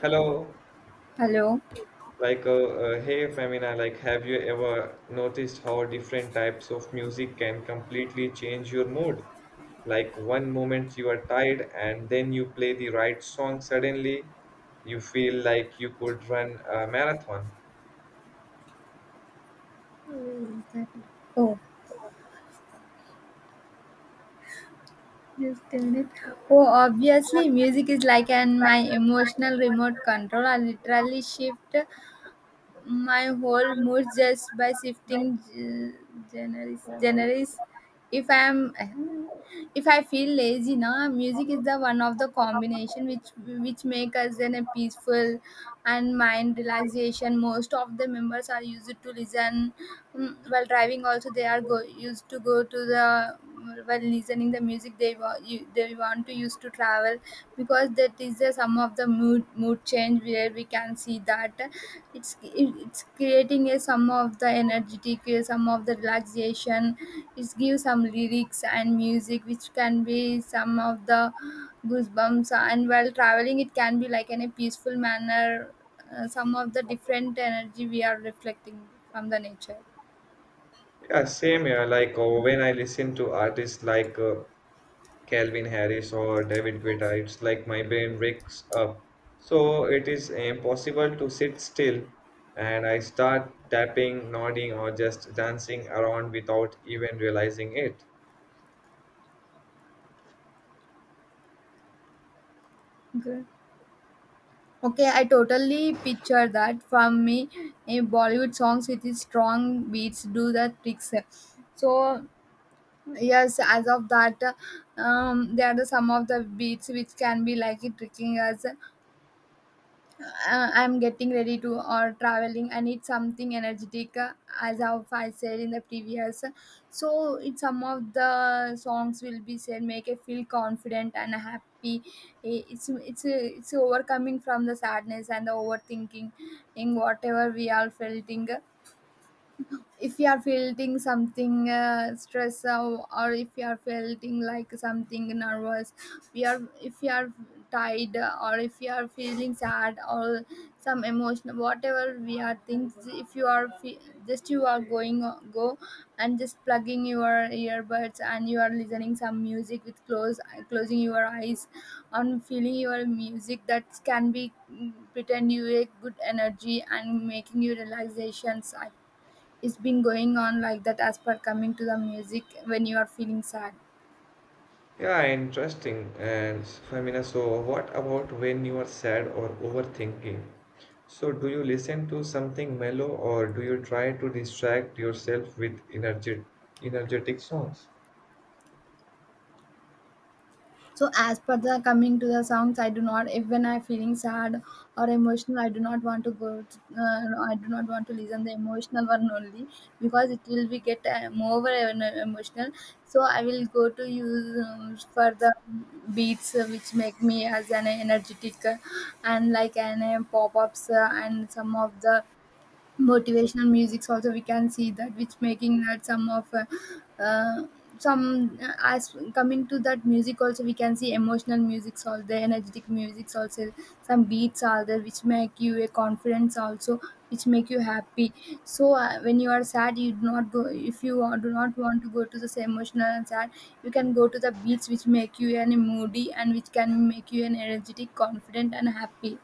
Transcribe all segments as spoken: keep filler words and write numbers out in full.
Hello, Hello. like, uh, uh, hey Femina, like, have you ever noticed how different types of music can completely change your mood? Like, one moment you are tired, and then you play the right song, suddenly you feel like you could run a marathon. Where is that? Oh, just a minute. oh, Obviously, music is like an my emotional remote control. I literally shift my whole mood just by shifting g- genres. genres. If I'm if I feel lazy, na music is the one of the combination which which make us in a peaceful and mind relaxation. Most of the members are used to listen mm, while driving. Also, they are go used to go to the while listening the music they wa- you, they want to use to travel because that is the some of the mood mood change where we can see that it's it's creating a some of the energetic, uh, some of the relaxation. It gives some lyrics and music which can be some of the goosebumps, and while traveling it can be like in a peaceful manner. Uh, some of the different energy we are reflecting from the nature. Yeah, same here. Like, uh, when I listen to artists like uh, Calvin Harris or David Guetta. It's like my brain wakes up. So it is impossible to sit still and I start tapping, nodding, or just dancing around without even realizing it. Okay. Okay, I totally picture that from me. A Bollywood songs with its strong beats do the tricks. So yes, as of that, um, they are the some of the beats which can be like it tricking us. Uh, I'm getting ready to or traveling. I need something energetic, uh, as of I said in the previous. So it's some of the songs will be said make it feel confident and happy. I- It's it's it's overcoming from the sadness and the overthinking in whatever we are feeling. If you are feeling something uh, stress or, or if you are feeling like something nervous, we are if you are tired or if you are feeling sad or some emotional whatever we are things if you are fe- just you are going go and just plugging your earbuds and you are listening some music with close closing your eyes on feeling your music that can be mm, pretend you a good energy and making you relaxations. It's been going on like that as per coming to the music when you are feeling sad. Yeah, interesting. And Famina, so what about when you are sad or overthinking? So do you listen to something mellow or do you try to distract yourself with energet energetic songs? So as per the coming to the songs, I do not if when I feeling sad or emotional, I do not want to go to, uh, no, I do not want to listen the emotional one only because it will be get uh, more em- emotional. So I will go to use, um, for the beats, uh, which make me as an energetic, uh, and like an, uh, pop-ups, uh, and some of the motivational musics also we can see that which making that some of, uh, uh, some, uh, as coming to that music also we can see emotional musics all the energetic musics also some beats are there which make you a confidence also which make you happy. So uh, when you are sad you do not go if you are- do not want to go to the same emotional and sad, you can go to the beats which make you an moody and which can make you an energetic confident and happy.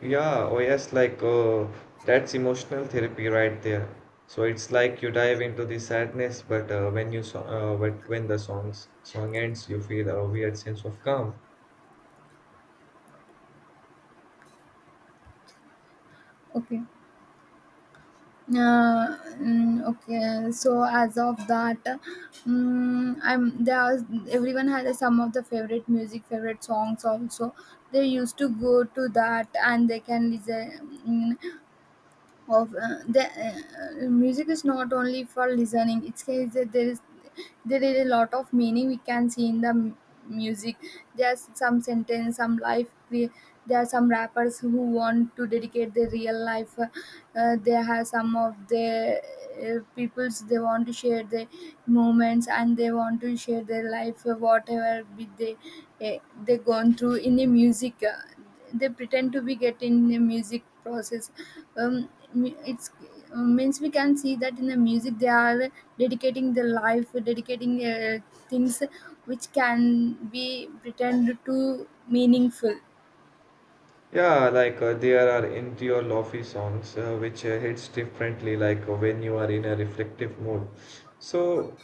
Yeah, oh yes, like uh, that's emotional therapy right there. So it's like you dive into the sadness, but uh, when you so uh, but when the songs song ends, you feel a weird sense of calm. Okay. Uh, mm, okay, so as of that mm I'm there was, everyone had some of the favorite music favorite songs also they used to go to that and they can listen, mm, of uh, the uh, music is not only for listening, it's case that there is there is a lot of meaning we can see in the m- music. There's some sentence some life cre- there are some rappers who want to dedicate their real life, uh, they have some of their uh, peoples they want to share their moments and they want to share their life, uh, whatever be they uh, they gone through in the music, uh, they pretend to be getting the music process. Um, me- it's, uh, means we can see that in the music they are dedicating the life, dedicating uh, things which can be pretend to meaningful. Yeah, like uh, there are interior lofi songs uh, which uh, hits differently, like uh, when you are in a reflective mood. So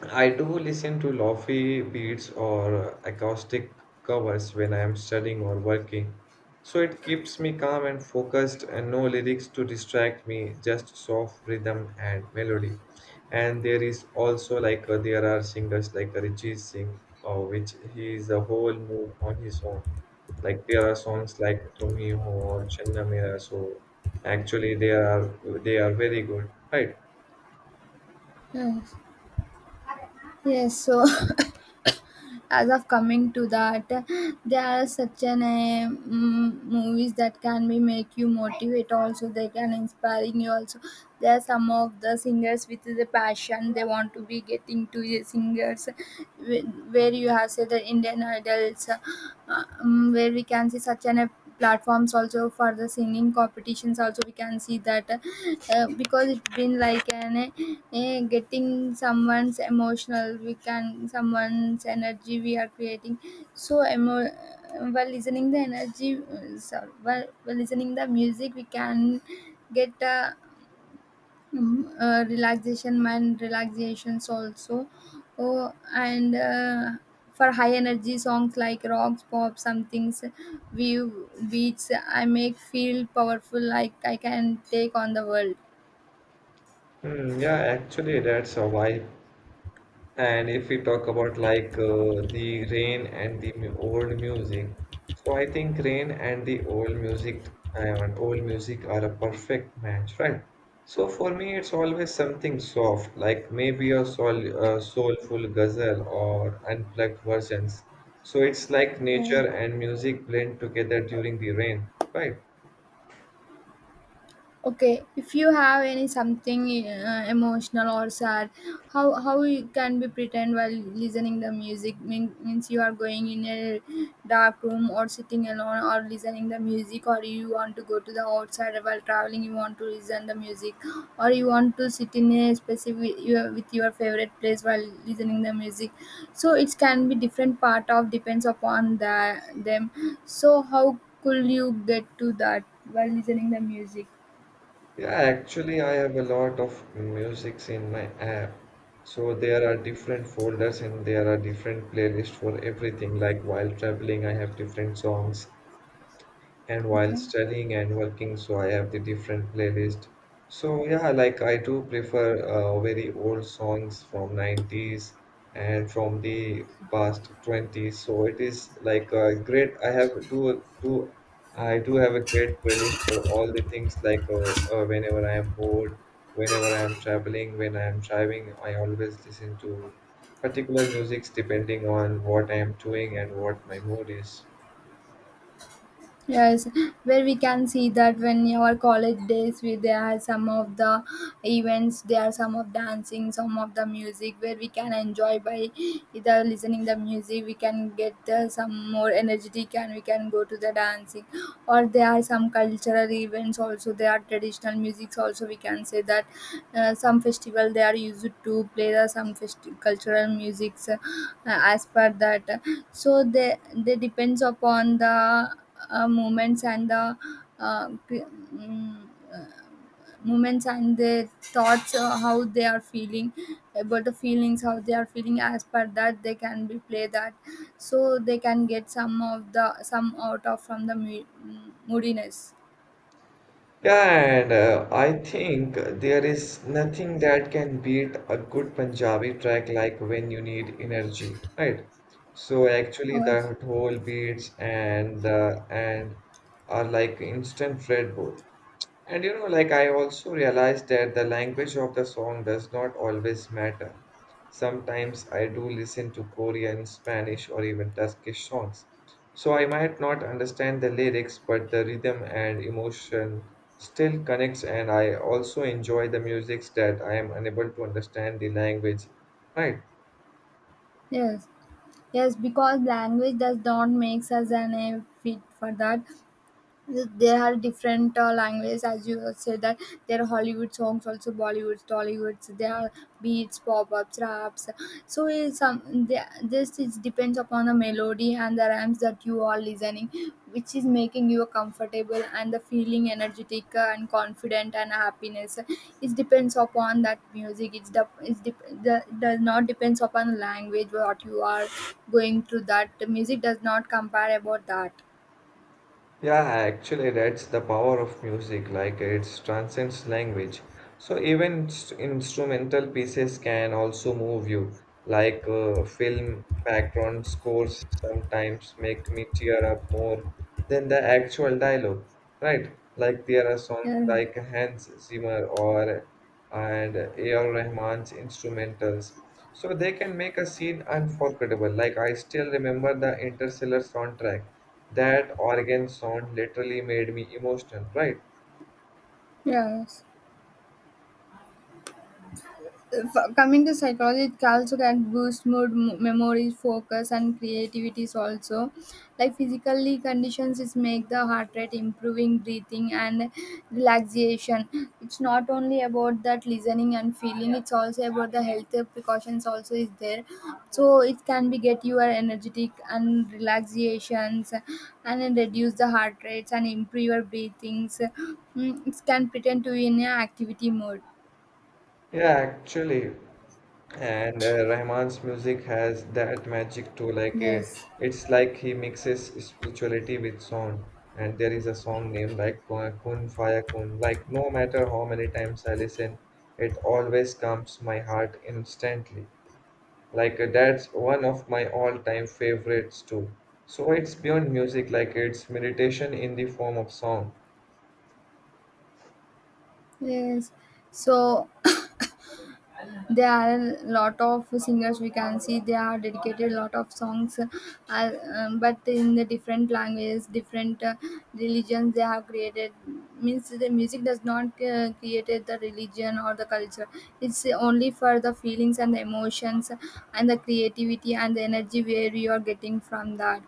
I do listen to lofi beats or uh, acoustic covers when I am studying or working. So it keeps me calm and focused, and no lyrics to distract me, just soft rhythm and melody. And there is also like uh, there are singers like Arijit Singh, uh, which he is a whole mood on his own. Like there are songs like Tumhi Ho or Channa Mera, so actually they are they are very good, right? Yes, yes. So as of coming to that, there are such an uh, mm, movies that can be make you motivate also they can inspiring you also. There are some of the singers with the passion they want to be getting to the singers wh- where you have said the Indian Idols, uh, um, where we can see such an uh, platforms also for the singing competitions also we can see that uh, because it's been like an uh, eh, getting someone's emotional, we can someone's energy we are creating. So emo- while listening the energy, uh, sorry, while, while listening the music, we can get uh, mm, uh, relaxation mind relaxations also. Oh, and uh, for high energy songs like rocks pop some things view beats I make feel powerful like I can take on the world. Hmm, yeah, actually that's a why. And if we talk about like uh, the rain and the mu- old music, so I think rain and the old music and old music are a perfect match, right? So for me, it's always something soft, like maybe a soul, a soulful ghazal or unplugged versions. So it's like Yeah. nature and music blend together during the rain, right? Okay, if you have any something uh, emotional or sad, how how you can be pretend while listening the music mean, means you are going in a dark room or sitting alone or listening the music or you want to go to the outside while traveling you want to listen the music or you want to sit in a specific your, with your favorite place while listening the music. So it can be different part of depends upon the them. So how could you get to that while listening the music. Yeah, actually, I have a lot of musics in my app. So there are different folders and there are different playlists for everything. Like while traveling, I have different songs and while Okay. studying and working, so I have the different playlist. So yeah, like I do prefer uh, very old songs from nineties and from the past twenties, so it is like a great i have do do i do have a great playlist for all the things, like uh, uh, whenever I am bored, whenever I am traveling, when I am driving I always listen to particular musics depending on what I am doing and what my mood is. Yes, where we can see that when our college days, we there are some of the events, there are some of dancing, some of the music where we can enjoy by either listening the music, we can get uh, some more energetic and we can go to the dancing. Or there are some cultural events also, there are traditional musics also we can say that uh, some festival they are used to play the some festi- cultural musics, uh, as per that. So they they depends upon the uh, moments and the uh, cre- mm, moments and their thoughts, uh, how they are feeling about the feelings how they are feeling as per that they can be play that. So they can get some of the some out of from the mu- mm, moodiness. Yeah, and uh, I think there is nothing that can beat a good Punjabi track like when you need energy, right? So actually, Or the whole beats and the and are like instant Red Bull. And you know, like I also realized that the language of the song does not always matter. Sometimes I do listen to Korean, Spanish, or even Turkish songs. So I might not understand the lyrics, but the rhythm and emotion still connects, and I also enjoy the musics that I am unable to understand the language. Right? yes, yes, because language does not makes us an a fit for that. There are different uh, languages, as you said that there are Hollywood songs, also Bollywood, Tollywood. So there are beats, pop-ups, raps. So it's, um, the- this is depends upon the melody and the rhymes that you are listening, which is making you comfortable and the feeling energetic, uh, and confident and happiness. It depends upon that music. It's the it's dep The does not depends upon language what you are going through. That The music does not compare about that. Yeah, actually, that's the power of music. Like it transcends language. So even s- instrumental pieces can also move you. Like uh, film background scores sometimes make me tear up more than the actual dialogue, right? Like there are songs Yeah. like Hans Zimmer or and A R. Rahman's instrumentals. So they can make a scene unforgettable. Like I still remember the Interstellar soundtrack, that organ sound literally made me emotional, right? Yes. If, coming to psychology, it also can boost mood mo- memory focus and creativity is also like physically conditions is make the heart rate improving breathing and relaxation. It's not only about that listening and feeling, it's also about the health precautions also is there. So it can be get your energetic and relaxations, and then reduce the heart rates and improve your breathings. Mm, it can pretend to be in a activity mode. Yeah, actually. And uh, Rahman's music has that magic too. Like uh, yes. it's like he mixes spirituality with sound. And there is a song named like Kun Kun Faya Kun. Like no matter how many times I listen, it always comes my heart instantly. Like uh, that's one of my all-time favorites too. So it's beyond music, like it's meditation in the form of sound. Yes. So there are a lot of singers we can see they are dedicated a lot of songs, uh, um, but in the different languages different uh, religions they have created, means the music does not uh, created the religion or the culture, it's only for the feelings and the emotions and the creativity and the energy where you are getting from that.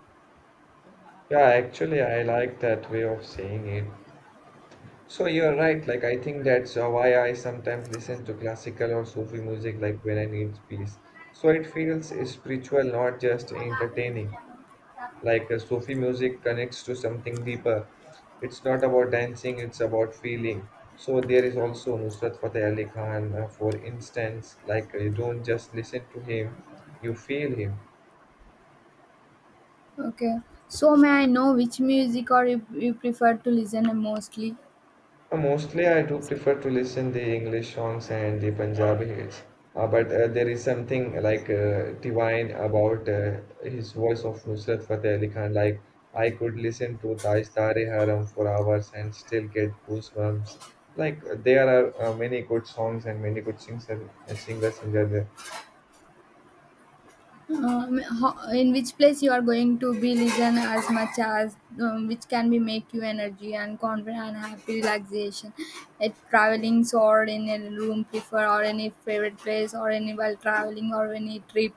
Yeah, actually, I like that way of saying it. So you're right. Like I think that's uh, why I sometimes listen to classical or Sufi music, like when I need peace. So it feels spiritual, not just entertaining. Like uh, Sufi music connects to something deeper. It's not about dancing; it's about feeling. So there is also Nusrat Fateh Ali Khan, uh, for instance. Like uh, you don't just listen to him, you feel him. Okay. So may I know which music or you, you prefer to listen mostly. Uh, Mostly, I do prefer to listen the English songs and the Punjabi hits. Uh, but uh, there is something like uh, divine about uh, his voice of Nusrat Fateh Ali Khan. Like I could listen to Taj Tare Haram for hours and still get goosebumps. Like there are uh, many good songs and many good singers, singers in there. Um, ho- in which place you are going to be listen as much as, um, which can be make you energy and confident and happy relaxation at traveling or in a room prefer or any favorite place or any while traveling or any trip.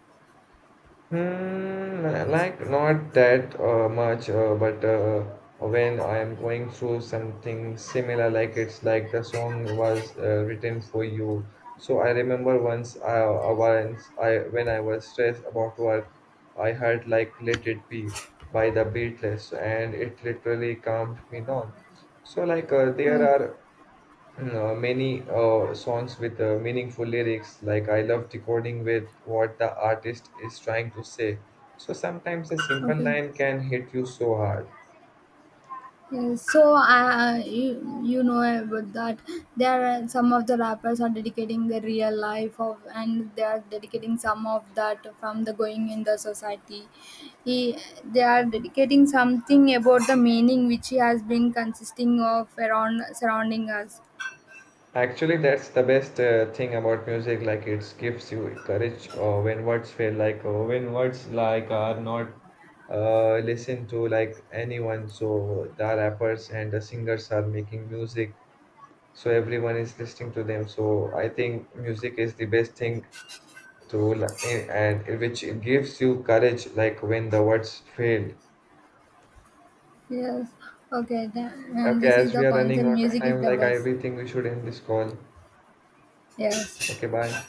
Hmm, like not that uh, much, uh, but uh, when I am going through something similar, like it's like the song was uh, written for you. So I remember once, I, uh, once I when I was stressed about work, I heard like "Let It Be" by the Beatles, and it literally calmed me down. So like uh, there Uh, are uh, many uh, songs with uh, meaningful lyrics, like I love decoding with what the artist is trying to say. So sometimes a simple okay. line can hit you so hard. Yes, so uh, you you know about that, there are some of the rappers are dedicating their real life of and they are dedicating some of that from the going in the society. He, they are dedicating something about the meaning which he has been consisting of around surrounding us. Actually, that's the best uh, thing about music. Like it gives you courage uh, when words fail. Like uh, when words like are not uh, listened to like anyone. So the rappers and the singers are making music, so everyone is listening to them. So I think music is the best thing to li- eh, and it- which gives you courage like when the words failed. Yes, okay. The, and Okay, this as is the we are running concert. out of Music is time, the like I best. really think we should end this call. Yes. Okay, bye.